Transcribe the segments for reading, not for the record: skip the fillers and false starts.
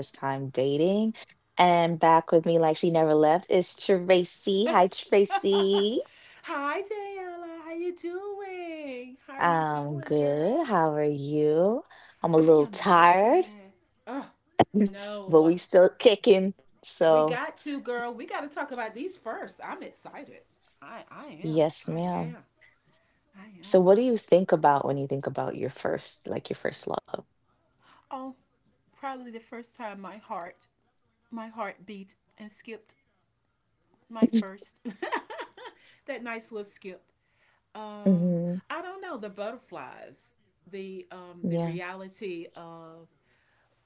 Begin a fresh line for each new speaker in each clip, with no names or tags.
First time dating. And back with me, like she never left, is Tracy. Hi, Tracy.
Hi, Tayala. How you doing? How are you doing,
I'm
girl?
good. How are you? I'm a
I
little
am making
tired,
it. Oh,
but
no.
we still kicking.
We
So,
got to, girl. We got to talk about these first. I'm excited. I am.
yes,
I
ma'am.
am. I
So,
am.
what do you think about when you think about your first, like your first love?
Oh, probably the first time my heart beat and skipped my first. that nice little skip. Um,
Mm-hmm.
I don't know the butterflies, the
Yeah.
reality of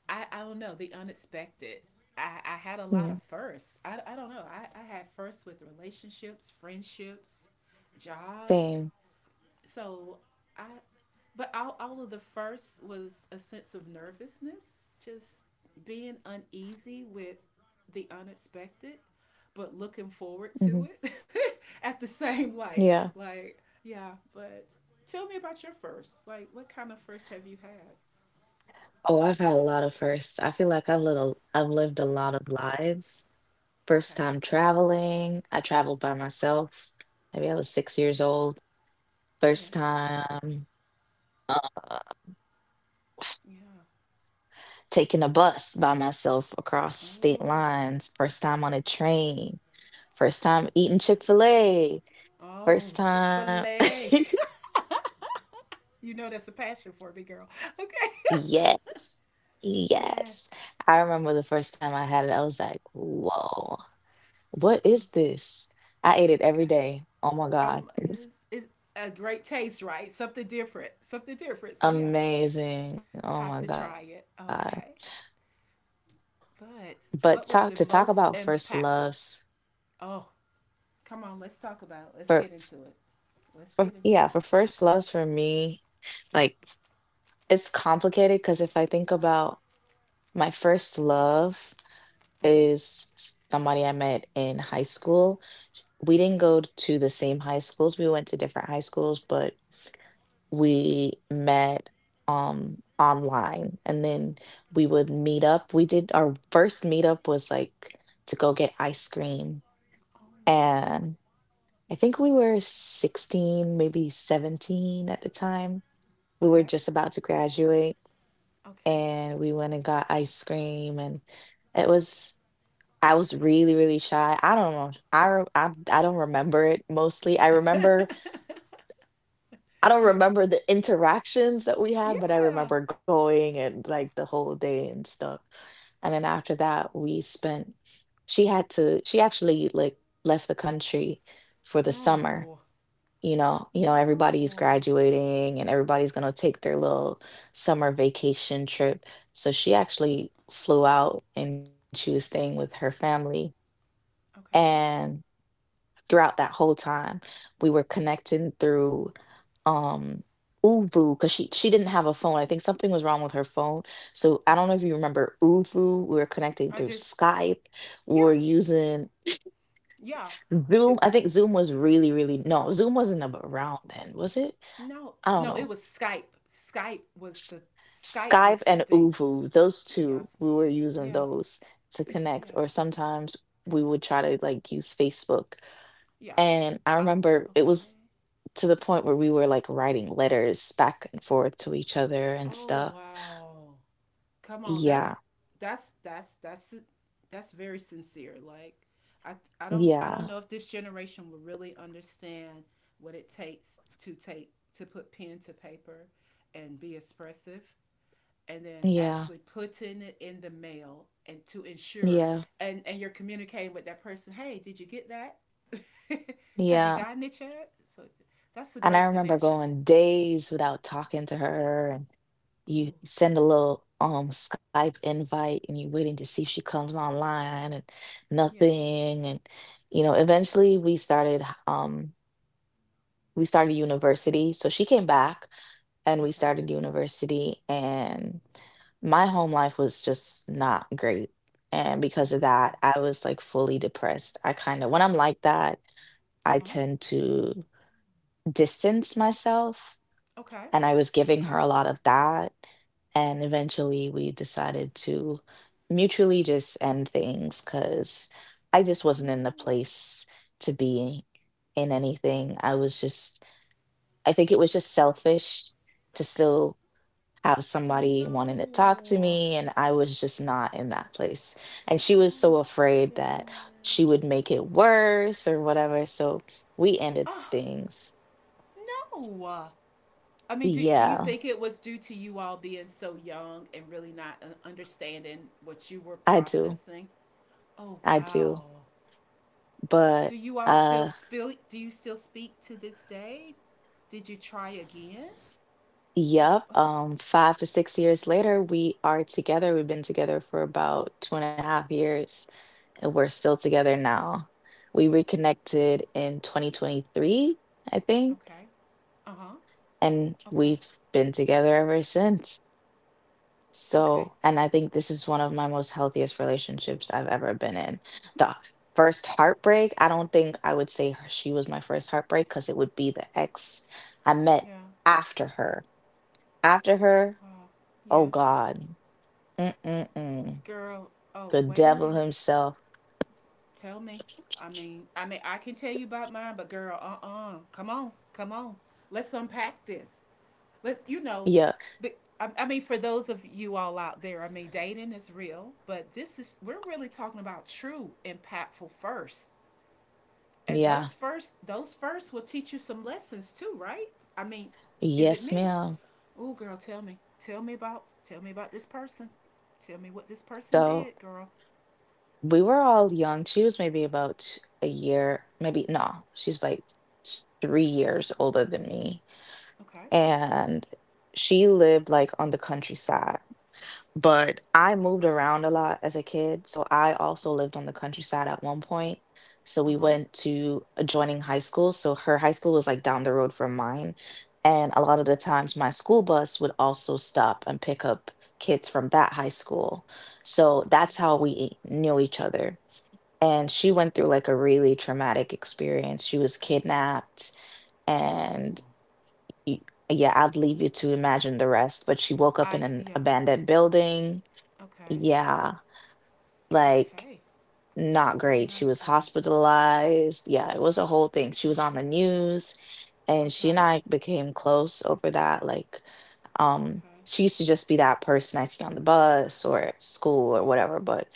I don't know, the unexpected. I had a
Yeah.
lot of firsts. I don't know. I had firsts with relationships, friendships, jobs.
Same.
So I, but all of the firsts was a sense of nervousness, just being uneasy with the unexpected, but looking forward to
Mm-hmm.
it at the same light.
Yeah.
Like, yeah, but tell me about your firsts. Like, what kind of firsts have you had?
Oh, I've had a lot of firsts. I feel like I've lived a lot of lives. First
Okay.
time traveling, I traveled by myself. Maybe I was 6 years old.
Yes.
First time uh,
Yeah.
taking a bus by myself across state
Oh,
lines. First time on a train. First time eating Chick fil A.
oh,
First
Chick
time.
Fil A. You know that's a passion for me, girl. Okay.
Yes.
yeah,
Yes. I remember the first time I had it, I was like, whoa, what is this? I ate it every
gotcha.
day. Oh my
Oh my
God.
goodness, it's a great taste, right? Something different, something different. So yeah,
Amazing. Oh my
have to
god.
try it. Okay,
But
but
talk
what was
about
the
first
most
loves
impactful? Oh, come on, let's talk about.
for
It. Let's get into it.
for
Let's get
yeah,
into
for
it.
first loves for me, like it's complicated cuz if I think about my first love
Mm-hmm.
is somebody I met in high school. We didn't
Okay.
go to the same high schools. We went to different high schools, but we met online, and then we would meet up. We did our first meetup was like to go get ice cream,
Oh.
and I think we were 16, maybe 17 at the time. We were
Okay.
just about to graduate,
Okay.
and we went and got ice cream. And it was, I was really really shy. I don't know. I I don't remember it mostly. I remember I don't
Yeah.
remember the interactions that we had, but I
Yeah.
remember going and like the whole day and stuff. And then after that, we spent, she had to she actually like left the country for the summer.
No.
You know, everybody is
No.
graduating and everybody's gonna take their little summer vacation trip. So she actually flew out and she was staying with her family
Okay.
and throughout that whole time. We were connecting through um Ufu because she didn't have a phone. I think something was wrong with her phone. So I don't
Okay.
know if you remember Ufu. We were connecting
I
through
just
Skype. We were
yeah,
using
yeah. It,
Zoom. I think Zoom was really really, no, Zoom wasn't around then, was it?
no,
I don't
no,
know.
it was Skype.
S-
Skype
Skype
was the
and
thing.
Ufu. Those two
Yes,
we were using
yes,
those to connect.
yeah,
Or sometimes we would try to like use Facebook.
yeah.
And I
I
remember it was
okay.
to the point where we were like writing letters back and forth to each other and
Oh
stuff.
wow. Come on
Yeah,
that's that's that's very sincere. Like I I don't I don't
yeah,
know if this generation will really understand what it takes to take to put pen to paper and be expressive and then
yeah,
actually putting it in the mail and to
yeah,
ensure and you're communicating with that person, hey did you get that have you
yeah.
gotten it yet so that's a
And I
great
remember
connection.
going days without talking to her, and you
Oh,
send a little Skype invite, and you're waiting to see if she comes online, and
yeah,
nothing, and you know. Eventually, we started university, so she came back, and we
okay,
started university, and my home life was just not great. And because of that,
okay,
I was like fully depressed. I kind of, when I'm like that, I
uh-huh,
tend to distance myself.
okay,
And I was giving
okay,
her a lot of that. And eventually we decided to mutually just end things because I just wasn't in the
no,
place to be in anything. I was just, I think it was just selfish to still have somebody wanting to talk to
no,
me and I was just not in that place. And she was
oh
so afraid that she
goodness,
would make it worse or whatever. So we ended
oh
things.
no. I mean, do,
Yeah,
you think it was due to you all being so young and really not understanding what you were
I do.
processing? Oh
I do.
wow. Do
But
you all still
uh
spill do you still speak to this day? Did you try again? What
yep, 5 to 6 years later we are together. We've been together for about two and a half years, and we're still together now. We reconnected in 2023, I think,
okay. Uh-huh.
and
Okay.
we've been together ever since. So,
Okay.
and I think this is one of my most healthiest relationships I've ever been in. The first heartbreak, I don't think I would say she was my first heartbreak because it would be the ex I met
Yeah.
after her. After her,
Wow.
oh
Yes.
God. Mm-mm-mm.
Girl, oh,
The
wait a
devil
minute.
himself.
Tell me. I mean, I can tell you about mine, but girl, uh-uh. Come on. Come on. Let's unpack this. Let's
Yeah,
but I mean for those of you all out there, I mean dating is real, but this is we're really talking about true impactful first and
yeah.
those first will teach you some lessons too, right? I mean, is
Yes,
it me?
ma'am.
Oh, girl, tell me about this person. Tell me what this person
So
did, girl.
we were all young. She was maybe about a year, maybe no, she's like 3 years older than me.
Okay.
And she lived like on the countryside, but I moved around a lot as a kid. So I also lived
Okay.
on the countryside at one point. So
Uh
we
huh.
went to adjoining high schools. So her high school was like down the road from mine. And a lot of the times my school bus would also stop and pick up kids from that high school. So
Okay.
that's how we knew each other. And she went through like a really traumatic experience. She was kidnapped,
No.
and yeah, I'll leave you to imagine the rest. But she woke up in
I
an
yeah.
abandoned building.
Okay.
Yeah, like
Okay.
not
Oh
great.
my
She was
goodness.
hospitalized. Yeah, it was a whole
Oh
thing. She was on
goodness.
the news, and she and
Okay.
I became close over that. Like, um,
Okay.
she used to just be that person I'd see on the bus or at school or whatever, but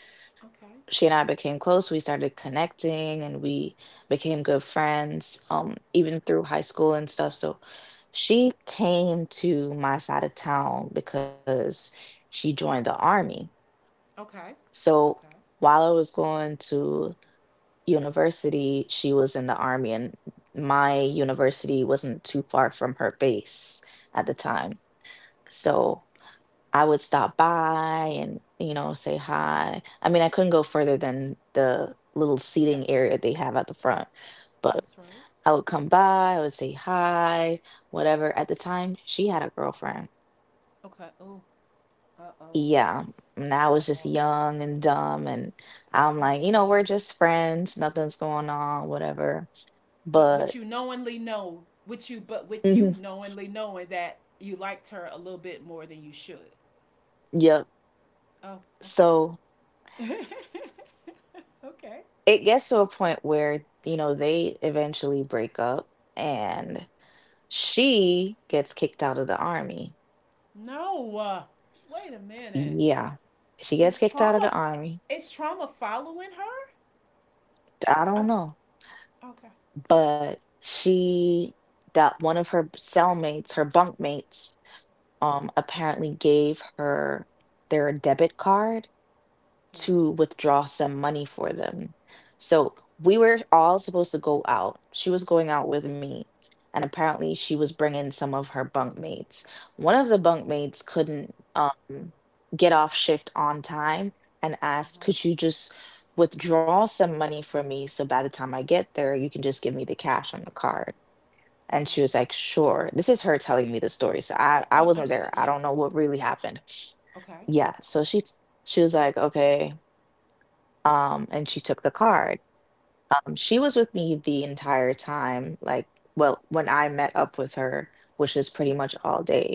Okay.
she and I became close. We started connecting and we became good friends, even through high school and stuff. So she came to my side of town because she joined the army.
Okay.
So
Okay.
while I was going to university, she was in the army, and my university wasn't too far from her base at the
Okay.
time. So I would stop by and, you know, say hi. I mean, I couldn't go further than the little
Yeah.
seating area they have at the front, but
That's right.
I would come by, I would say hi, whatever. At the time, she had a girlfriend.
Okay. Oh. Uh oh.
Yeah, and I
Uh
was just
oh.
young and dumb and I'm like,
Okay.
you know, we're just friends, nothing's going on, whatever,
But with
but
you knowingly know, with you but with you
mhm,
knowingly knowing that you liked her a little bit more than you should.
yep.
Oh,
So
okay. okay.
it gets to a
Okay.
point where, you know, they eventually break up and she gets kicked out of the army.
No. Wait a minute.
Yeah, she gets
Is
kicked out of the
trauma
army.
is trauma following her?
I don't
I'm
know,
okay.
but she that one of her cellmates her bunkmates, apparently gave her their debit card
Yes.
to withdraw some money for them. So we were all supposed to go out. She was going out with me, and apparently she was bringing some of her bunkmates. One of the bunkmates couldn't get off shift on time and asked,
Uh-huh.
"Could you just withdraw some money for me so by the time I get there, you can just give me the cash on the card?" And she
Okay.
was like, sure. This is her telling me the story. So I wasn't
I'm
there.
just
I don't
yeah.
know what really happened.
Okay.
Yeah. So she was like, okay. And she took the card. She was with me the entire time. Like, well, when I met up with her, which was pretty much all day,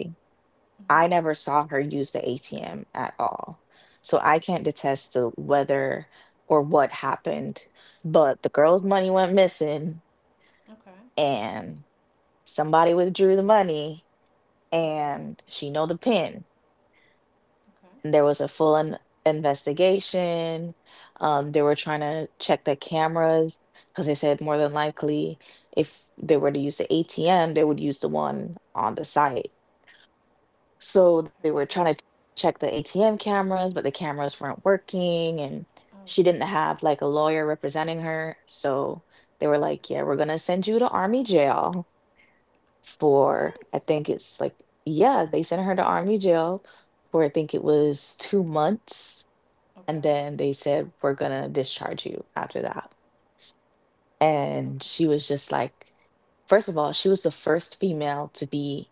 I
Mhm.
never saw her use the ATM at all. So I can't attest to whether or what happened. But the girl's money went missing
Okay.
and somebody withdrew the money
Okay.
and she know the pin.
Okay.
And there was a full investigation. They were trying to check the cameras because they said more than likely, if they were to use the ATM, they would use the one on the site. So they were trying to
Okay.
check the ATM cameras, but the cameras weren't working, and she didn't
Oh
have like a
goodness.
lawyer representing her. So they were like, "Yeah, we're gonna send you to army jail." For I
What?
think it's like, yeah, they sent her to army jail for I think it was 2 months and
Okay.
then they said we're going to discharge you after that. And
Okay.
she was just like, first of all, she was the first female to be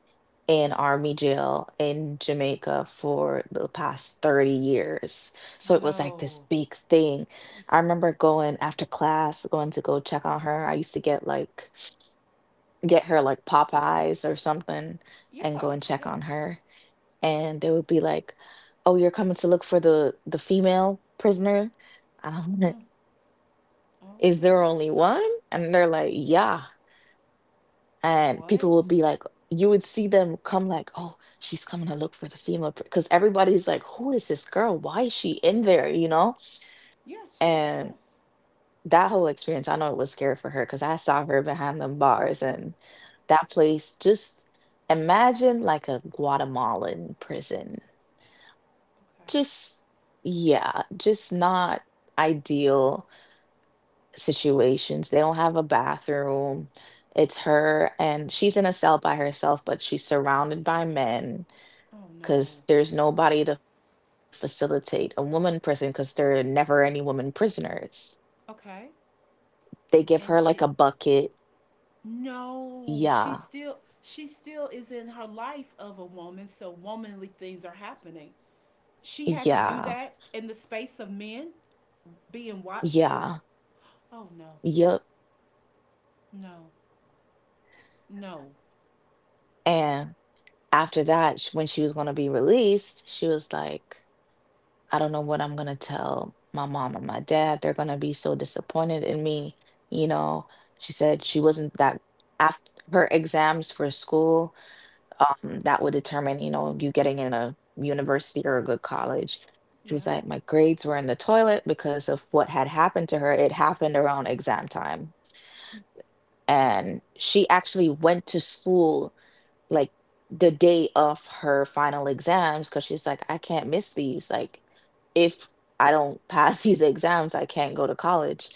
in army jail in Jamaica for the past 30 years. So it was like this
No.
big thing. I remember going after class, going to go check on her. I used to get her like Popeyes or something and
Yeah,
go and check
yeah.
on her. And they would be like, "Oh, you're coming to look for the female prisoner," and I'm
Mm,
like, "Is
okay.
there only one?" And they're like, "Yeah." And
What?
people would be like, you would see them come like, "Oh, she's coming to look for the female," because everybody's like, "Who is this girl? Why is she in there?" You know,
Yes, yes,
and
yes.
that whole experience, I know it was scary for her because I saw her behind them bars and that place just, imagine like a Guatemalan prison.
Okay.
Just, yeah, just not ideal situations. They don't have a bathroom. It's her and she's in a cell by herself, but she's surrounded by men
Oh
because
no.
there's nobody to facilitate a woman prison because there are never any women prisoners.
Okay.
They give her like a
And she
bucket.
no,
Yeah,
she still is in her life of a woman, so womanly things are happening. She had to
yeah,
do that in the space of men being
yeah,
watchful? Oh no.
yep.
No. No.
And after that, when she was going to be released, she was like, I don't know what I'm going to tell my mom and my dad. They're going to be so disappointed in me. You know, she said she wasn't that after her exams for school that would determine, you know, you getting in a university or a good college. She was
Yeah.
like, my grades were in the toilet because of what had happened to her. It happened around exam time. And she actually went to school, like, the day of her final exams because she's like, I can't miss these. Like, if I don't pass these exams, I can't go to college.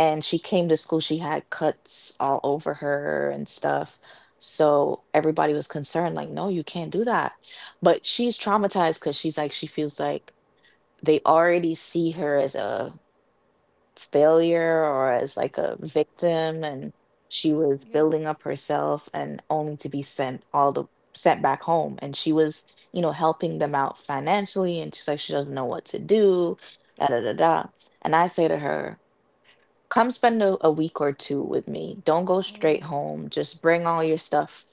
And she came to school, she had cuts all over her and stuff, so everybody was concerned, like, no, you can't do that. But she's traumatized because she's like, she feels like they already see her as a failure or as like a victim. And she was
Yeah.
building up herself and only to be sent all the sent back home. And she was, you know, helping them out financially, and she's like, she doesn't know what to do, da da da da. And I say to her, come spend a week or two with me. Don't go straight
Oh,
home, just bring all your stuff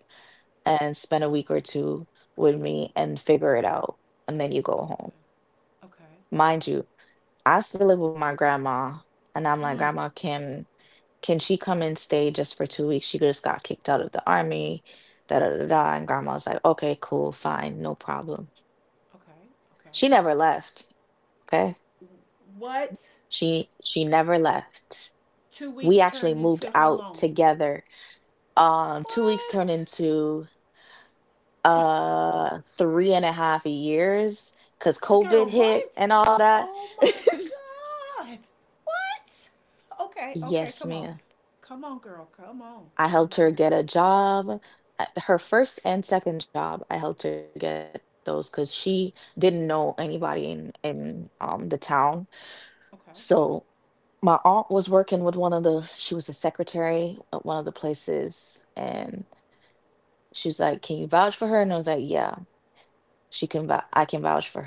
and spend a week or two with me and figure it out, and then you go home.
okay. Okay. Okay.
Mind you, I still live with my grandma, and I'm like,
Mm.
grandma, can she come and stay just for 2 weeks? She just got kicked out of the army, da da da da. And grandma was like, okay, cool, fine, no problem.
Okay. Okay.
She never left. Okay,
What?
she never left.
Two
We
weeks turned
actually moved
into how
out
long?
together. 2 weeks turned
What?
into three and a half years because
Girl,
COVID
what?
hit and all that.
Oh my God. What? Okay, okay,
Yes,
come on.
ma'am.
Come on, girl. Come on.
I helped
Come
her
on.
get a job. Her first and second job, I helped her get those because she didn't know anybody in the town. So
Okay,
my aunt was working with one of the. She was a secretary at one of the places, and she was like, "Can you vouch for her?" And I was like, "Yeah, she can. I can vouch for her."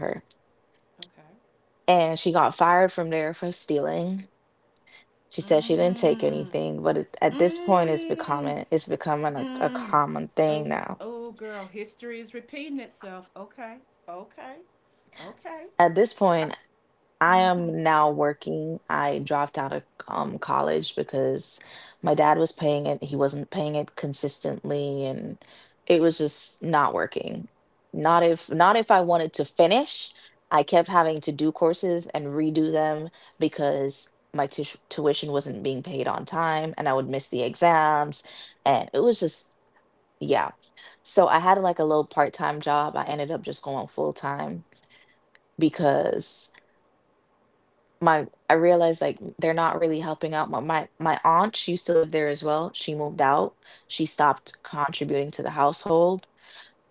And she got fired from there for stealing. She
okay.
said she didn't take
Mmm.
anything, but it, at this point,
Mmm.
it's becoming a
Mmm.
common thing
Oh,
now.
oh, girl. History is repeating itself. Okay, okay, okay.
At this point, I
Mm hmm. Mm
am now working. I dropped out of college because my dad was paying it. He wasn't paying it consistently, and it was just not working. Not if not if I wanted to finish. I kept having to do courses and redo them because my tuition wasn't being paid on time, and I would miss the exams, and it was just yeah. So I had like a little part time job. I ended up just going full time because my I realized, like, they're not really helping out. My aunt, she used to live there as well. She moved out. She stopped contributing to the household.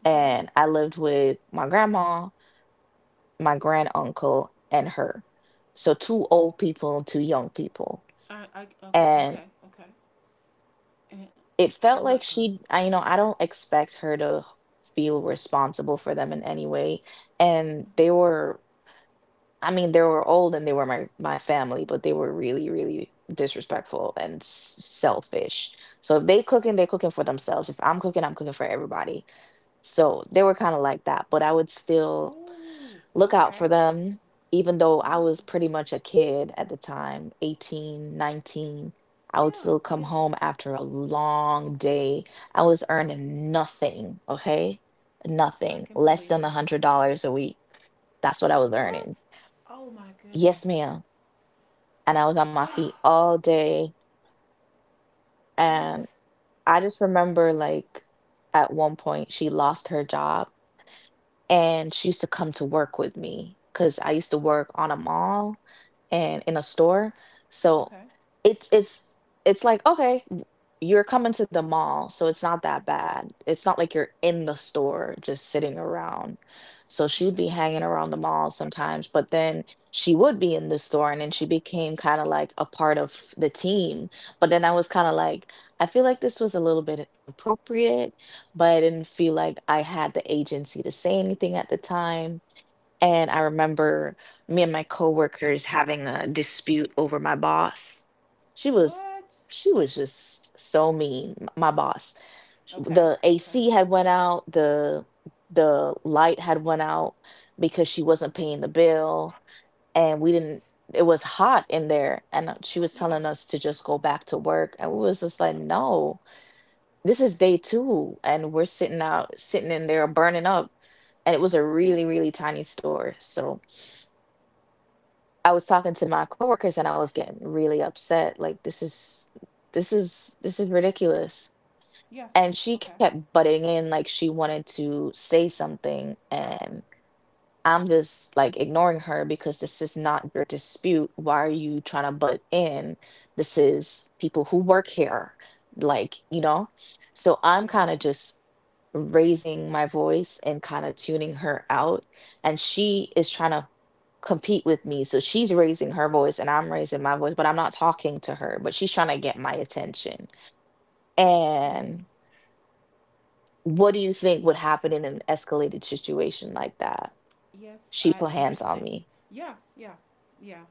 hmm.
And I lived with my grandma, my grand uncle, and her. So two old people and two young people.
I, I, okay,
And
okay, okay. And,
it felt
and
like
what, girl?
she I, you know, I don't expect her to feel responsible for them in any way. And they were, I mean, they were old and they were my family, but they were really really disrespectful and selfish. So if they cooking, they cooking for themselves. If I'm cooking, I'm cooking for everybody. So they were kind of like that, but I would still
Ooh,
look out
okay.
for them even though
Ooh.
I was pretty much a kid at the time, 18, 19. I would
Yeah,
still come
yeah,
home after a long day. I was earning nothing, okay?
I
Nothing.
can
Less
believe it.
than a $100 a week. That's what I was
What?
earning.
Oh my
Yes,
goodness.
ma'am. And I was on my feet all day.
what?
And I just remember, like, at one point, she lost her job and she used to come to work with me because I used to work on a mall and in a store. So
Okay,
it's it's like, okay, you're coming to the mall, so it's not that bad. It's not like you're in the store just sitting around. So she would
okay.
be hanging around the mall sometimes, but then she would be in the store and then she became kind of like a part of the team. But then I was kind of like, I feel like this was a little bit inappropriate, but I didn't feel like I had the agency to say anything at the time. And I remember me and my coworkers having a dispute over my boss. She was
What?
she was just so mean, my boss.
Okay,
The
okay.
AC had went out, the light had went out because she wasn't paying the bill, and we
What?
didn't it was hot in there and she was
Yeah,
telling us to just go back to work, and we was just like, no, this is day two, and we're sitting out sitting in there burning up. And it was a
yeah,
really really tiny store. So I was talking to my coworkers and I was getting really upset, like, this is this is ridiculous. And
yes,
she kept
okay.
butting in like she wanted to say something, and I'm just like ignoring her because this is not your dispute, why are you trying to butt in, this is people who work here, like, you know. So I'm kind of just
Yes,
raising my voice and kind of tuning her out, and she is trying to compete with me, so she's raising her voice and I'm raising my voice, but I'm not talking to her, but she's trying to get my attention.
yes,
And what do you think would happen in an escalated situation like that?
yes,
She
I
put hands on
understand.
me
Yeah, yeah, yeah,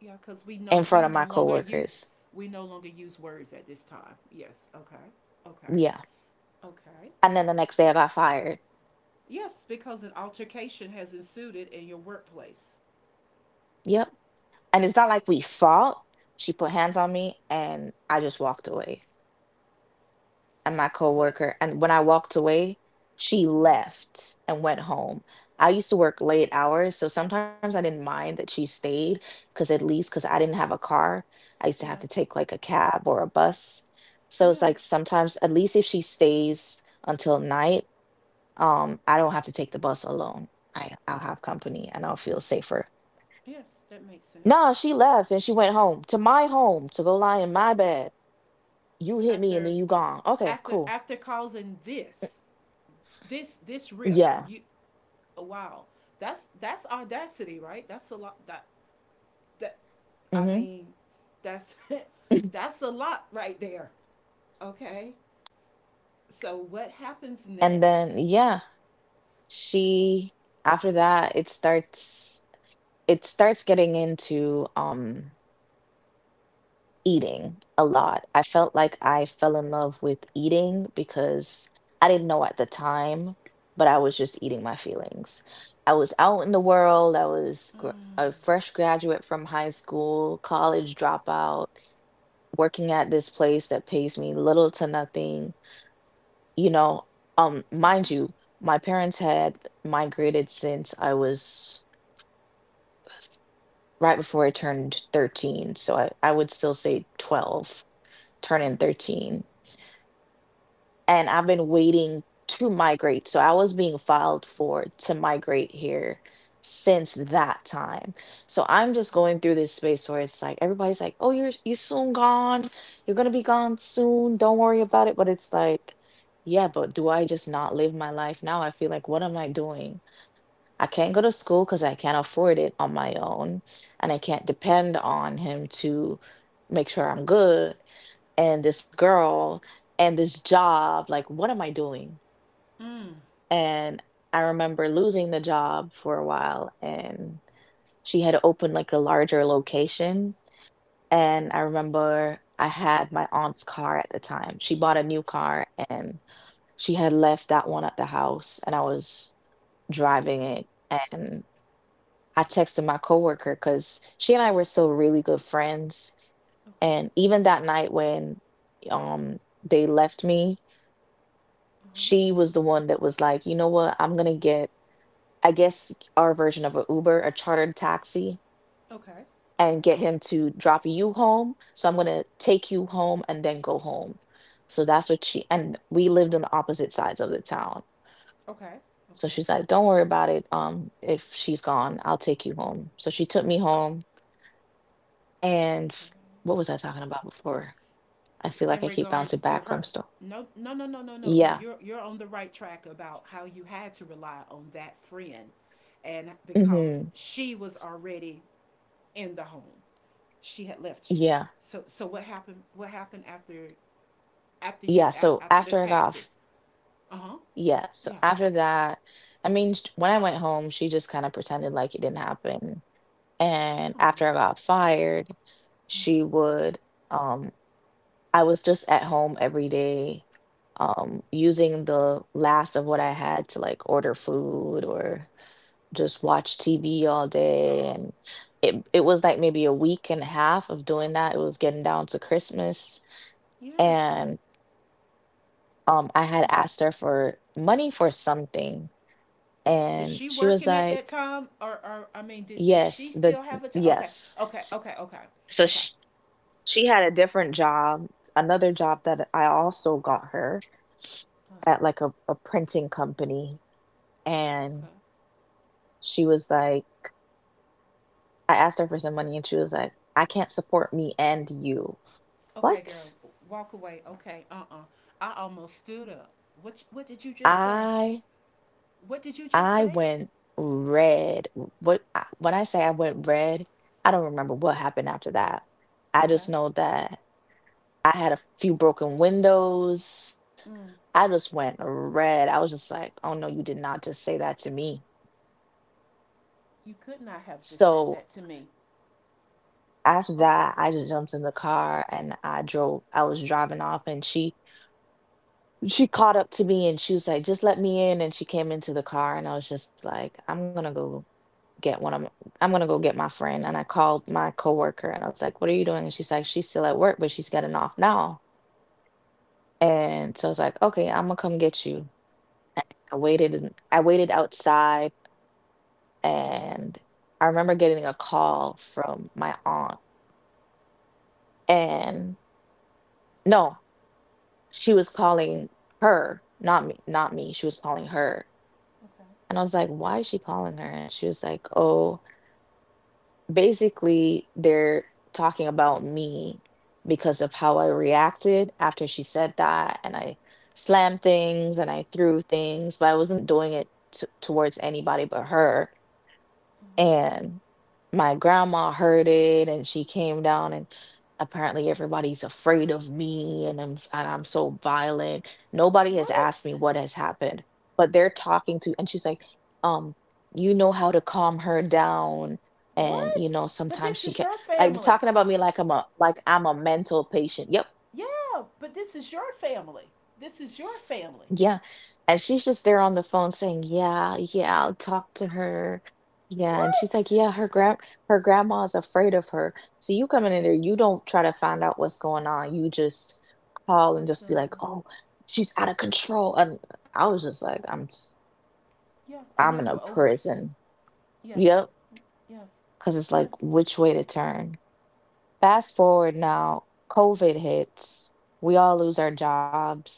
yeah, because
in
we
front of
no
my
longer use,
coworkers.
we no longer use words at this time. Yes, okay, okay,
Yeah.
okay.
And then the next day I got fired.
Yes, because an altercation has ensued in your workplace.
Yep. And it's not like we fought. She put hands on me and I just walked away at my
But
coworker, and when I walked away, she left and went home. I used to work late hours, so sometimes I didn't mind that she stayed because at least because I didn't have a car, I used to have to
yeah,
take like a cab or a bus. So
yeah,
it's
yeah,
like, sometimes at least if she stays until night, I don't have to take the bus alone. I'll have company and I'll feel safer.
yes, that makes sense.
Nah, she left and she went home to my home to go lie in my bed. You hit me and then
After,
you gone. Okay,
after,
cool.
after causing this, this rift,
Yeah.
you, wow, that's audacity, right? That's a lot. That, I
Mm-hmm.
mean, that's that's a lot right there. Okay, so what happens
And then
next?
yeah, she after that it starts getting into eating a lot. I felt like I fell in love with eating because I didn't
Mm.
know at the time, but I was just eating my feelings. I was out in the world. I was
Mm.
a fresh graduate from high school, college dropout, working at this place that pays me little to nothing. You know,
Yeah.
mind you, my parents had migrated since I was right before I turned 13. So I would still say 12, turning
Mm.
13. And I've been waiting to migrate. So I was being filed for to migrate here since that time. So I'm just going through this space where it's like everybody's like, "Oh, you're you soon gone. You're going to be gone soon. Don't worry about it." But it's like, yeah, but do I just not live my life now? I feel like, what am I doing? I can't go to school cuz I can't afford it on my own, and I can't depend on him to make sure I'm good, and this girl, and this job. Like, what am I doing?
Okay. Mm.
And I remember losing the job for a while, and she had opened like a larger location. And I remember I had my aunt's car at the time. She bought a new car, and she had left that one at the house, and I was driving it. And I texted my coworker because she and I were still really good friends.
Okay.
And even that night when, um, they left me,
Uh huh.
she was the one that was like, you know what, I'm gonna get, I guess, our version of an Uber, a chartered taxi,
Okay.
and
Okay.
get him to drop you home. So I'm gonna take you home and then go home. So that's what she and we lived on the opposite sides of the town.
Okay.
So
Okay.
she's like, "Don't worry about it. If she's gone, I'll take you home." So she took me home, and
Okay.
what was I talking about before? I feel like
In
I keep bouncing
regards to
back from
her,
stuff.
no, no, no, no, no, no, no.
Yeah.
You're on the right track about how you had to rely on that friend, and because
Mm-hmm.
she was already in the home, she had left you.
Yeah.
So so what happened? What happened after after you
Yeah.
af-
So
after the
after I got
taxi? Uh huh.
yeah, so
Yeah.
after that, I mean, when I went home, she just kind of pretended like it didn't happen. And
Come on.
after I got fired, she would, um, I was just at home every day, using the last of what I had to like order food or just watch TV all day. And it was like maybe a week and a half of doing that. It was getting down to Christmas.
Yes.
And I had
Uh,
asked her for money for something,
Was
and
she
she was
working at that
like,
time, or I mean, did
"Yes,
she
the
still have a job? Okay.
yes."
Okay. Okay. Okay.
So
Okay.
she had a different job, another job that I also got her
Uh,
at like a printing company, and
Okay.
she was like, I asked her for some money, and she was like, "I can't support me and you."
Okay, girl.
What?
Walk away. Okay. I almost stood up. What did you just say?
I
What did you just
I
say?
went red. What, when I say I went red, I don't remember what happened after that. I
Okay.
just know that I had a few broken windows.
Mm.
I just went red. I was just like, oh no, you did not just say that to me.
You could not have just said
So
that to me.
after
Okay.
that, I just jumped in the car and I drove. I was driving off, and she caught up to me and she was like, just let me in. And she came into the car, and I was just like, I'm gonna go get one of. My, I'm gonna go get my friend, and I called my coworker, and I was like, "What are you doing?" And she's like, "She's still at work, but she's getting off now." And so I was like, "Okay, I'm gonna come get you." And I waited outside,
Uh huh.
and I remember getting a call from my aunt and no, she was calling her, not me, not me. She was calling her.
Okay.
And I was like, "Why is she calling her?" And she was like, "Oh, basically they're talking about me because of how I reacted after she said that, and I slammed things and I threw things, but I wasn't doing it towards anybody but her.
Uh huh.
And my grandma heard it and she came down, and apparently everybody's afraid of me and I'm so violent. Nobody has
What?
asked me what has happened, but they're talking to, and she's like, um, you know how to calm her down and you
What?
know
But
sometimes
this
she
is
can,
your
like they're
family.
talking about me like I'm a mental patient. Yep.
Yeah, but this is your family. This is your family.
Yeah. And she's just there on the phone saying, "Yeah, yeah, I'll talk to her." Yeah, and she's
What?
like, "Yeah, her grand her grandma's afraid of her." So you come in there, you don't try to find out what's going on. You just call and just be like,
Assumed.
"Oh, she's out of control." And I was just like, "I'm
Yeah, I
I'm
know
in a
you were over it.
prison."
Yes.
Yep,
Yes.
cuz it's like
Yes.
which way to turn. Fast forward now, COVID hits. We all lose our jobs.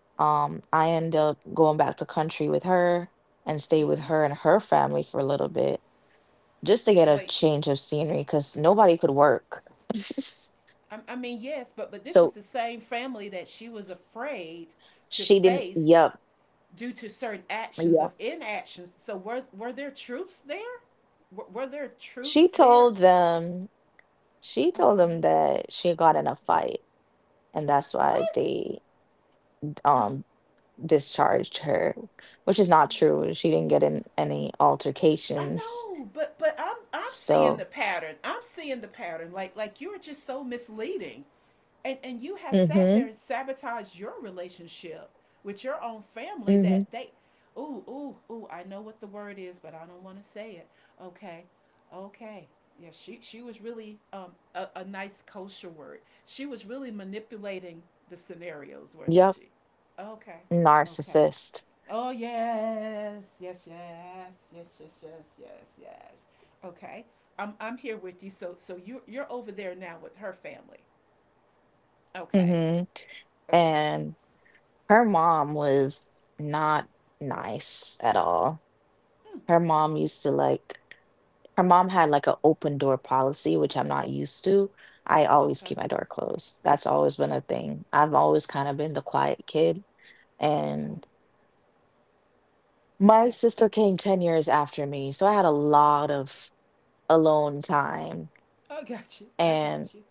I end up going back to country with her and stay with
Mm-hmm.
her and her family for a little bit just to get a
Wait,
change of scenery because nobody could work.
I mean, yes, but this
So
is the same family that she was afraid to
she didn't,
face
yep,
due to certain actions
yep.
of inactions. So were there truths there? Were there
She
truths there?
told them, she
Uh
told
huh.
them that she got in a fight and that's why
What?
they
Uh,
um, discharged her, which is not true. She didn't get in any
I
altercations.
know, but I'm seeing
So,
the pattern. I'm seeing the pattern. Like you're just so misleading. And you have
mm-hmm,
sat there and sabotaged your relationship with your own family
mm-hmm,
that they ooh, ooh, ooh, I know what the word is, but I don't want to say it. Okay. Okay. Yeah, she was really a nice kosher word. She was really manipulating the scenarios, wasn't
yep,
she? Okay. Okay.
narcissist.
Oh yes, yes, yes, yes, yes, yes, yes, yes. Okay, I'm here with you. So so you you're over there now with her family. Okay,
Mm-hmm.
okay,
And her mom was not nice at all.
mm,
Her mom used to like, her mom had like an open door policy, which I'm not used to. I always
okay,
keep my door closed. That's always been a thing. I've always kind of been the quiet kid. And
okay.
my
Yeah,
sister came 10 years after me, so I had a lot of alone time.
I got you. I
And
got you.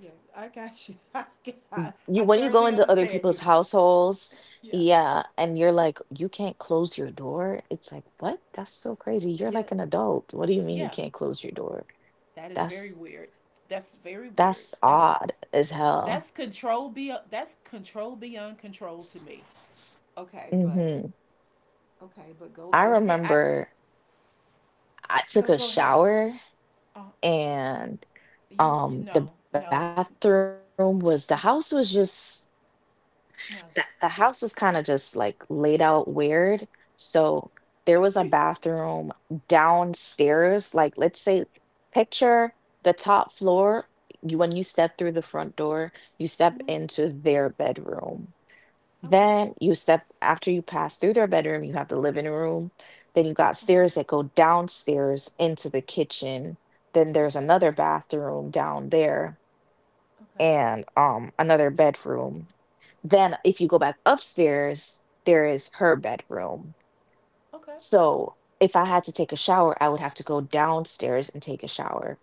Yeah, I got you.
you
I
when you go
thoroughly
into other
understand
people's
you.
households,
Yeah,
yeah, and you're like, you can't close your door. It's like, what? That's so crazy. You're
yeah,
like an adult. What do you mean you
yeah.
can't close your door?
That is
That's
very weird. That's very weird.
that's odd as hell.
That's control be that's control beyond control to me. Okay, but
Mm-hmm.
okay, but go
I
go ahead. I
remember I
Go
took a
go ahead.
shower,
Uh,
and
you you
the
no no
bathroom was the house was just
n-
that the house was
no.
kind of just like laid out weird. So there was a bathroom downstairs. Like let's say, picture the top floor. You, when you step through the front door, you step
hmm
into their bedroom.
Okay.
Then you step after you pass through their bedroom, you have the living room. Then you got
Uh huh.
stairs that go downstairs into the kitchen. Then there's
Okay.
another bathroom down there
Okay.
and another bedroom. Then if you go back upstairs, there is her bedroom.
Okay.
So if I had to take a shower, I would have to go downstairs and take a shower.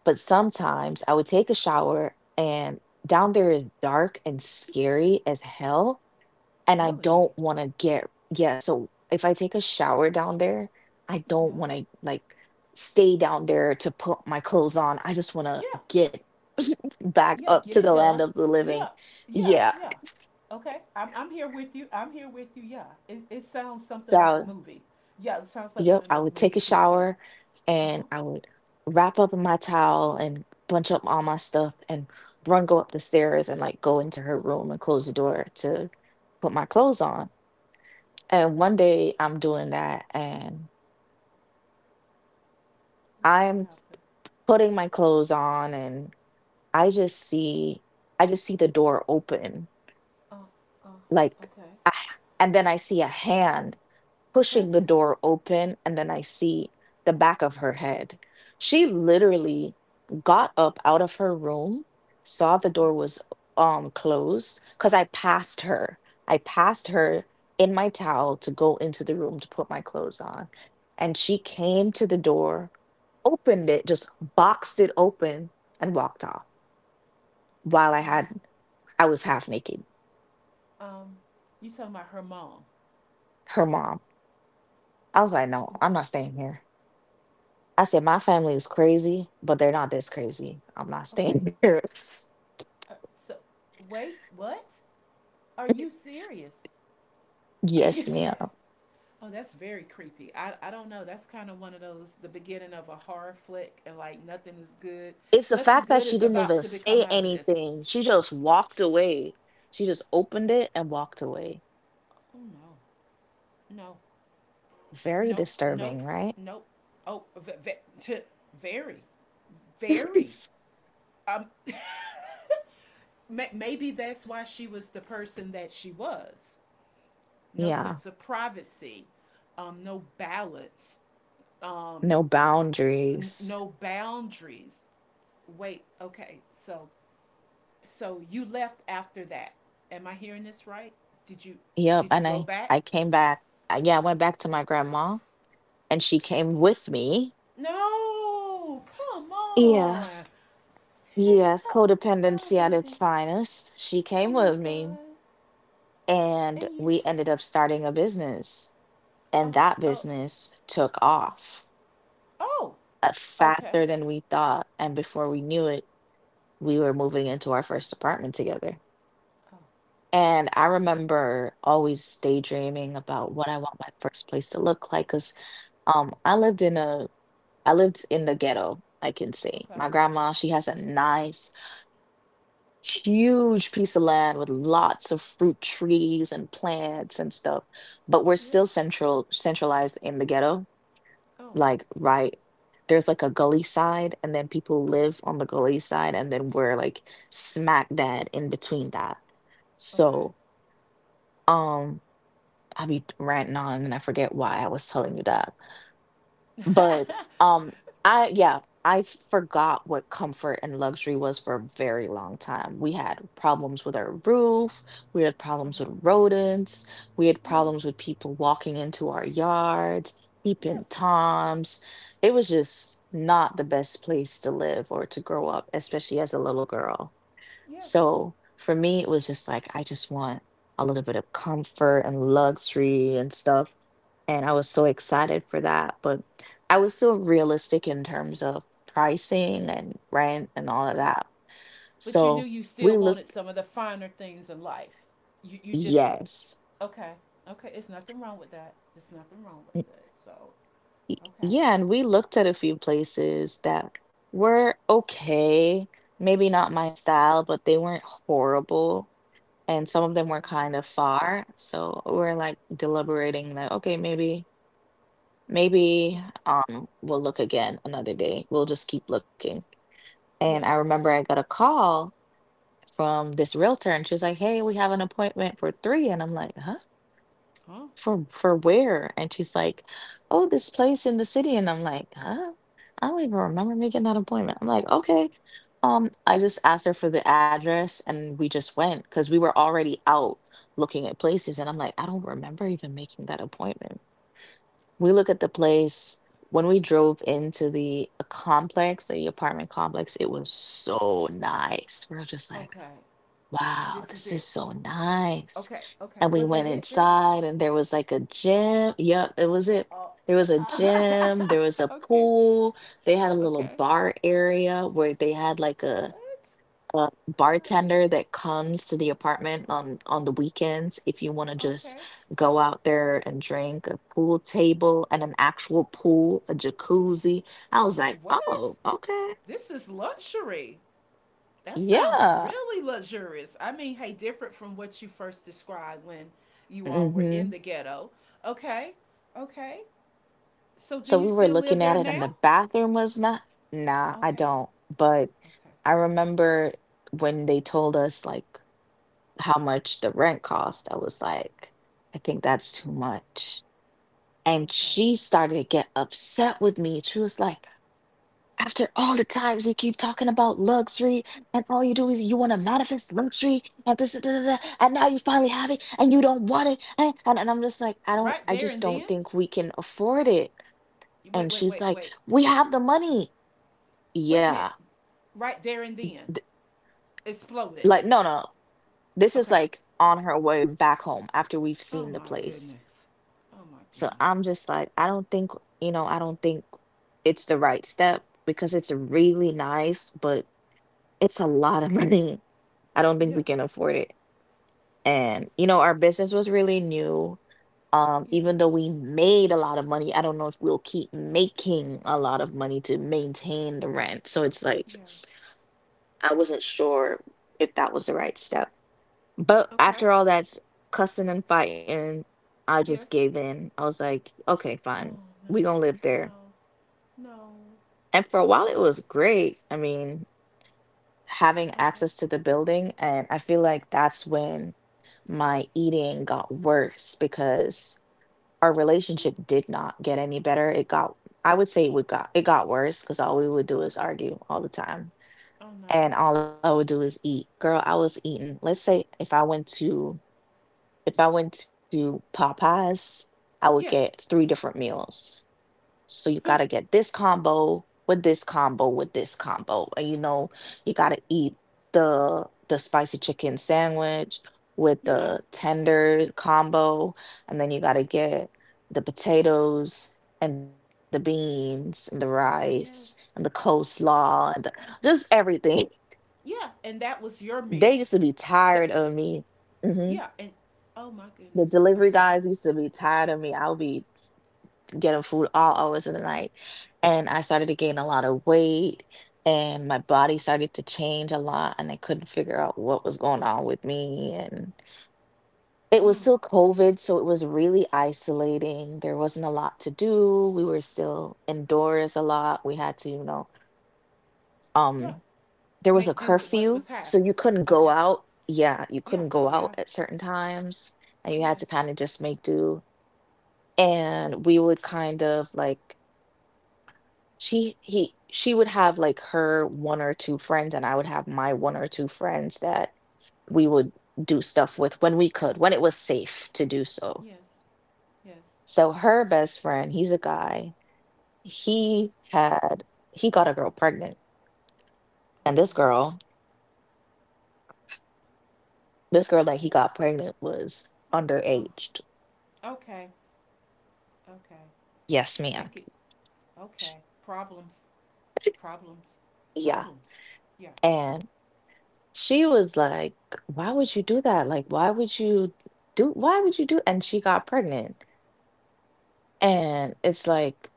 But sometimes I would take a shower and down there is dark and scary as hell and I
Really?
don't want to get yeah. So if I take a shower down there, I don't
Yeah.
want to like stay down there to put my clothes on. I just want to
Yeah.
get back
Yeah.
up to
Get
the
it
land
done.
of the living.
Yeah. Yeah.
Yeah.
Yeah. Okay. I'm here with you. I'm here with you. Yeah. It sounds something
So
like a movie. Yeah. It sounds like
yep,
one of
I
those
would take a
movies you would see.
shower
Uh
and
huh.
I would wrap up in my towel and bunch up all my stuff and run go up the stairs and like go into her room and close the door to put my clothes on. And
Okay.
one day I'm doing that and
What
I'm
happened?
putting my clothes on, and I just see I just see the door open like
Okay.
ah, and then I see a hand pushing
What?
the door open and then I see the back of her head. She literally got up out of her room, saw the
Uh
door
huh.
was closed because I passed her in my towel to go into the room to put my clothes on, and she came to the door, opened it, just boxed it open and walked off while I had
Um.
I was half naked.
Um. You talking about her mom?
Her mom. I was like,
Sh-
no, I'm not staying here. I said, my family is crazy, but they're not this crazy. I'm not staying
Okay,
here.
uh, so wait, what? Are you serious? Are
Yes,
you? Se-
ma'am.
Oh, that's very creepy. I don't know. That's kind of one of those the beginning of a horror flick, and like nothing is good.
It's the
Nothing
fact that
good
she
is
didn't
about
even
to
say
become out of this.
anything. She just walked away. She just opened it and walked away.
Oh no, no,
Very
nope,
disturbing,
nope,
right?
nope. Oh, ve- ve- t- very, very. Um, may- maybe that's why she was the person that she was. No
Yeah.
sense of privacy, no balance,
No
n-
boundaries.
no boundaries. Wait, okay. So so you left after that. Am I hearing this right? Did you
Yep.
did you
And
go back?
I came back. Yeah, I went back to my grandma and she came with me.
No. Come on.
Yes. Yes,
Tell oh oh
codependency
my
at its
goodness.
finest. She
Oh
came
my
with me.
god.
And
And you
we ended up starting a business, and
oh
that
oh
business took
oh,
off
oh
uh,
okay.
faster than we thought. And before we knew it, we were moving into our first apartment together.
Oh,
And I remember always daydreaming about what I want my first place to look like because um, I lived in a, I lived in the ghetto, I can say.
okay.
My grandma, she has a nice, huge piece of land with lots of fruit trees and plants and stuff. But we're still
Yes.
central, centralized in the ghetto, like
Oh,
right there's like a gully side and then people
uh
live on the gully side and then we're like smack dab in between that.
okay.
So I be ranting on and I forget why I was telling you that. But um I yeah, I forgot what comfort and luxury was for a very long time. We had problems with our roof, we had problems
uh-huh.
with rodents, we had
Yeah.
problems with people walking into our yards, peeping
Yes.
toms. It was just not the best place to live or to grow up, especially as a little girl.
Yes.
So for me, it was just like I just want a little bit of comfort and luxury and stuff. And I was so excited for that. But I was still realistic in terms of pricing and rent and all of
Okay.
that.
But you knew
So
you still
we looked,
wanted some of the finer things in life. You just
yes.
okay. Okay, it's nothing wrong with that. There's nothing wrong with it. So okay.
Yeah, and we looked at a few places that were okay. Maybe not my style, but they weren't horrible. And some of them
Okay.
were kind of far. So we're like deliberating, like, okay, maybe
Yeah.
Maybe uh, we'll look again another day. We'll just keep looking. And I
Yes.
remember I got a call from this realtor and she was like, hey, we have an appointment for three. And I'm like, huh?
Huh?
For where? And she's like, oh, this place in the city. And I'm like, huh? I don't even remember making that appointment. I'm like, okay. I just asked her for the address and we just went because we were already out looking at places. And I'm like, I don't remember even making that appointment. We look at the place. When we drove into the complex, the apartment complex, it was so nice. We are just like,
Okay.
wow,
This is
this is
it.
so nice.
Okay. Okay.
And we
Was
went
that it, girl?
inside, and there was like a gym. Yep, it was it.
Oh.
There was a gym, there was a
Okay.
pool. They had a little
Okay.
bar area where they had like a
What?
a
Girl.
bartender that comes to the apartment on the weekends if you want to just
Okay.
go out there and drink, a pool table and an actual pool, a jacuzzi. I was like,
What?
oh, okay.
This is luxury. That sounds
Yeah.
really luxurious. I mean, hey, different from what you first described when you all were
Mm-hmm.
in the ghetto. Okay. Okay. So
So
do
we
you
were
still
looking
live
at it
there
and the
now?
bathroom was not, nah, I
Okay.
don't. But
Okay.
I remember when they told us like how much the rent cost, I was like, I think that's too much. And she
Okay.
started to get upset with me. She was like, after all the times you keep talking about luxury and all you do is you want to manifest luxury and this da, da, da, and now you finally have it and you don't want it, eh? And I'm just like, i don't
Right
i
there
just
and
don't
then?
think we can afford it.
Wait,
And
wait,
she's
wait,
like,
wait.
we have the money.
Wait a
Yeah.
minute. Right there and then. Exploded.
Like, no, no, this is
Okay.
like on her way back home after we've
Oh
seen the
my
place.
goodness. Oh my
So
goodness.
I'm just like, I don't think, I don't think it's the right step because it's really nice, but it's a lot of money. I don't think we
Yeah.
can afford it. And, you know, our business was really new.
Yeah.
Even though we made a lot of money, I don't know if we'll keep making a lot of money to maintain the rent. So it's like,
Yes.
I wasn't sure if that was the right step. But
Okay.
after all that cussing and fighting, I just gave
Yes.
in. I was like, okay, fine.
Oh
We gonna live there.
no. No. No.
And for a while
Okay.
it was great. I mean, having
Okay.
access to the building, and I feel like that's when my eating got worse because our
Hmm.
relationship did not get any better. It got, I would say it would got, it got worse because all we would do is
Okay.
argue all the time.
Oh no.
And all I would do is eat. Girl, I was eating. Let's say if I went to, if I went to Popeyes, I would get
Yes.
three different meals. So you gotta get this combo with this combo with this combo, and you know you gotta eat the the spicy chicken sandwich with the
yeah.
tenders combo, and then you gotta get the potatoes and the beans and the rice and the
Yes.
coleslaw and the, just everything.
Yeah. And that
They
was
used
your
to be
meal.
tired of
That
me. Mm-hmm.
yeah. And oh my
The
goodness.
delivery guys
Okay.
used to be tired of me. I would be getting food all hours of the night, and I started to gain a lot of weight, and my body started to change a lot, and I couldn't figure out what was going on with me, and it was
Mm.
still COVID, so it was really isolating. There wasn't a lot to do. We were still indoors a lot. We had to, you know,
Yeah.
there was a
Make do with
curfew,
what was
so
half.
you couldn't go
Okay.
out. Yeah, you couldn't
Yeah.
go out
Yeah.
at certain times, and you had to
Yes.
kind of just make do. And we would kind of like, she would have like her one or two friends, and I would have my one or two friends that we would do stuff with when we could, when it was safe to do so.
Yes. Yes.
So her best friend, he's a guy. He had he got a girl pregnant, and
Okay.
this girl that he
What?
got pregnant was
Oh.
underaged.
Okay. Okay.
Yes, ma'am.
You could.
Sh-
Okay. Problems. Problems.
Yeah.
Problems. Yeah.
And she was like, why would you do that? Like, why would you do, why would you do? And she got pregnant.
Mm.
And it's like,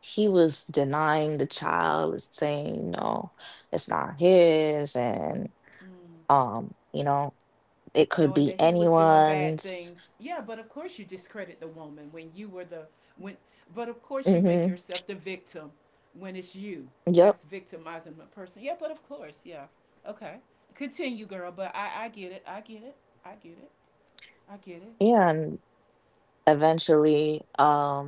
he was denying the child, saying, no, it's not his. And,
Mm.
you know, it could
Knowing
be
that he was doing bad
anyone's.
things. Yeah, but of course you discredit the woman when you were the, when, but of course you make yourself the victim when it's you
Yep.
that's victimizing the person. Yeah, but of course, yeah. Okay. Continue, girl, but I get it. I get it. I get it. I get it.
Yeah. And eventually,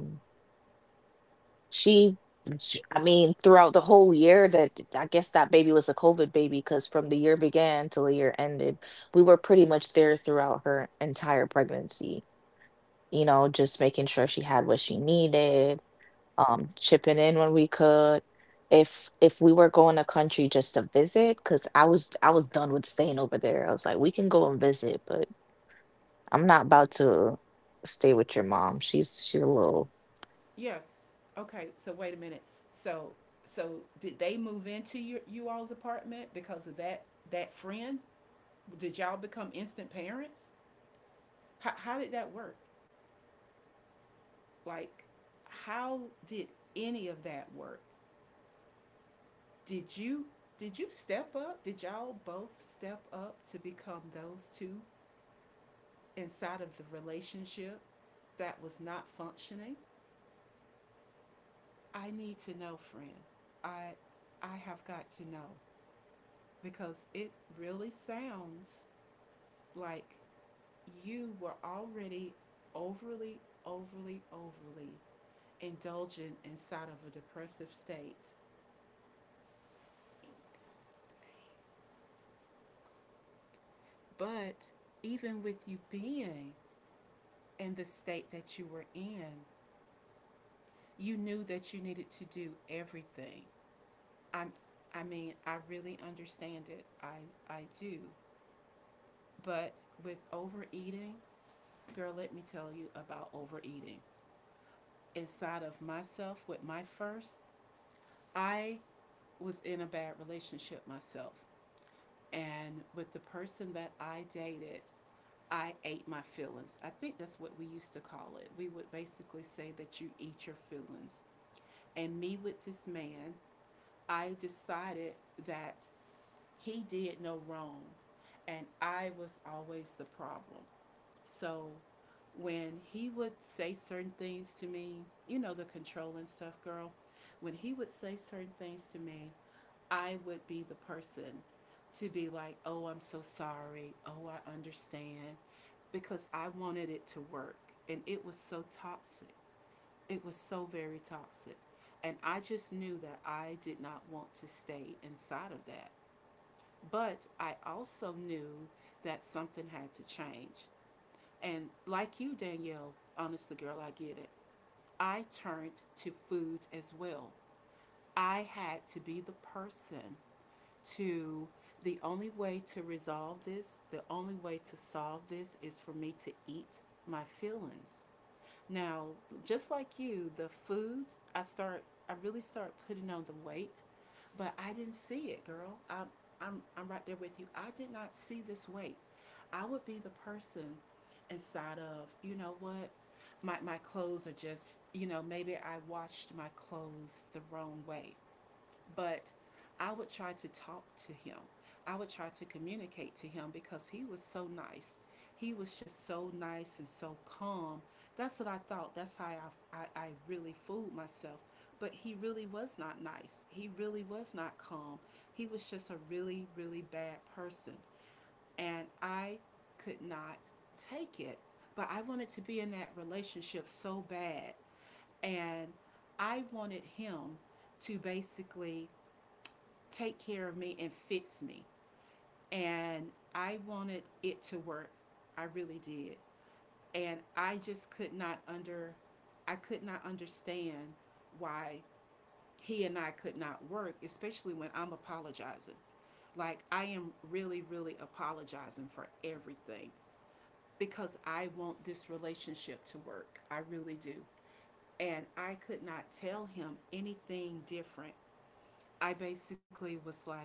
she, sh I mean, throughout the whole year that, I guess that baby was a COVID baby because from the year began till the year ended, we were pretty much there throughout her entire pregnancy. You know, just making sure she had what she needed, chipping in when we could. If if we were going to country just to visit, cause I was done with staying over there. I was like, we can go and visit, but I'm not about to stay with your mom. She's a little, she's a
Yes.
little out there
Okay,
for
so
me.
wait a minute. So so did they move into your you all's apartment
So, you know,
because of
we
that
would
that
bring
friend?
stuff, or I would
Did
bring
y'all
stuff
become
at
instant
least.
parents?
I would always be thinking
How
of
how did that
like
work?
what the baby might need.
Like,
Like, I know
how
that we
did
can't buy
any
things
of
in
that work?
abundance because we don't have a lot of money. So,
Did you,
if
did
I
you
was coming,
step
I would
up? Did
get
y'all
like
both step up to
maybe like a
become those
bottle,
two
or I would get like a
inside of the
pack of the
relationship
the
that was not functioning?
pacifiers, or just anything like that,
I need to know,
just to,
friend.
you know,
I I have
make
got
sure
to
that she
know
was good, or was like, you know, how
because
much
it
is the
really
diapers?
sounds
Just to kind of stock
like
her up. So
you were
by the
already
time
overly
she
overly
was due, she would
indulgent
have
inside
everything that
of a
she needed.
depressive state.
Anyway, she had the baby. This is year two in the apartment. We were there for a year.
But even
First
with
year
you
was
being in
difficult
the state
because
that you were in,
as much as there was
you knew
COVID and
that you
there wasn't
needed to
much to
do
do,
everything.
we were
I'm
outside and she
I mean, I
loved to
really
be
understand it.
about
I
that
I do.
life, if you get what I mean.
But with overeating,
And
girl, let me tell you
I
about overeating.
I don't know,
Inside
I
of
guess I
myself with my
facilitated it.
first,
And then at the end of the day,
I was in a bad
you know, we were
relationship myself.
scrambling to find money for
And
bills,
with the
and
person that
I would
I
always be to
dated,
blame. Oh, you're not
I ate
watching
my
the money.
feelings. I think that's what
Oh,
we
you're
used to
not
call
this.
it.
Oh,
We
you're
would
not that.
basically
Oh,
say
you
that
should
you
have been.
eat your
It was
feelings.
always my fault.
And
And
me
it's
with
like,
this man,
you the one
I
spending the money,
decided
girl.
that he
You're the
did
one
no
spending the
wrong,
money.
and
So
I was always the problem.
why are you mad at me?
So when he would say
But it
certain
is what
things
it
to me,
is.
you know, the controlling stuff, girl, when he
Thank you
would
so
say
much,
certain
Tracy,
things to
for
me,
stopping
I
by
would
and
be the
being a part of
person
my
to be
podcast.
like, oh, I'm so
And I guess we can
sorry.
talk
Oh,
about
I
this a little bit
understand.
more,
Because
you
I
know, pretty
wanted it to
soon.
work.
So
And
I'm going
it
to
was
end it
so
here, okay?
toxic. It
Pieces
was
and
so
love.
very toxic. And I just knew that I did not want to stay inside of that. But I also knew that something had to change. And like you, Danielle, honestly, girl, I get it. I turned to food as well. I had to be the person to, the only way to resolve this, the only way to solve this is for me to eat my feelings. Now, just like you, the food, I start I really start putting on the weight, but I didn't see it, girl. I am, I'm right there with you. I did not see this weight. I would be the person inside of, you know what? My clothes are just, you know, maybe I washed my clothes the wrong way. But I would try to talk to him. I would try to communicate to him because he was so nice. He was just so nice and so calm. That's what I thought. That's how I really fooled myself. But he really was not nice. He really was not calm. He was just a really, really bad person. And I could not take it. But I wanted to be in that relationship so bad. And I wanted him to basically take care of me and fix me. And I wanted it to work. I really did. And I just could not under I could not understand why he and I could not work, especially when I'm apologizing. Like I am really really apologizing for everything because I want this relationship to work. I really do. And I could not tell him anything different. I basically was like,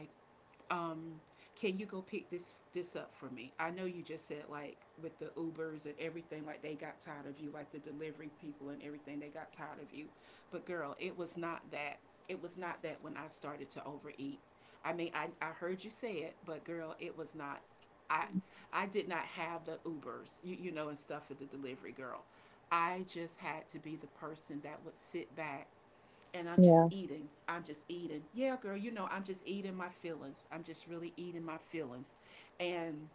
um, can you go pick this up for me? I know you just said like with the Ubers and everything, like they got tired of you, like the delivery people and everything, they got tired of you. But girl, it was not that. It was not that when I started to overeat. I mean, I heard you say it, but girl, it was not. I
Mm-hmm.
I did not have the Ubers, you know, and stuff for the delivery girl. I just had to be the person that would sit back and I'm just
Yeah.
eating. I'm just eating. Yeah, girl, you know, I'm just eating my feelings. I'm just really eating my feelings. And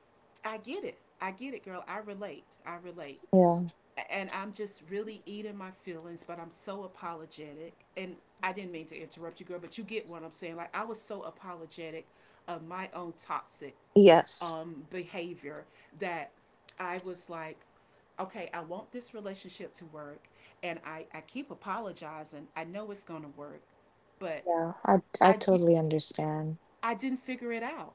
I get it. I get it, girl. I relate. I relate.
Yeah.
And I'm just really eating my feelings, but I'm so apologetic. And I didn't mean to interrupt you, girl, but you get what I'm saying. Like, I was so apologetic of my own toxic,
Yes.
behavior that I was like, okay, I want this relationship to work, and I keep apologizing. I know it's gonna work, but
Yeah. I
I
totally understand.
I didn't figure it out.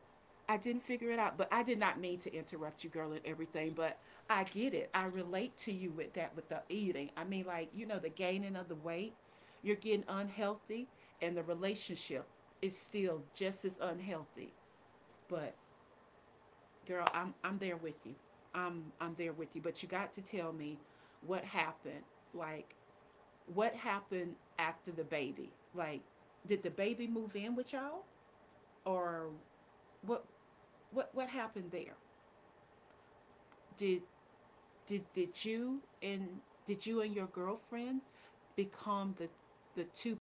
I didn't figure it out, but I did not mean to interrupt you, girl, and everything. But I get it. I relate to you with that, with the eating. I mean, like you know, the gaining of the weight, you're getting unhealthy, and the relationship is still just as unhealthy. But girl, I'm there with you. I'm there with you. But you got to tell me what happened. Like what happened after the baby? Like did the baby move in with y'all or what what happened there? Did did you and, did you and your girlfriend become the two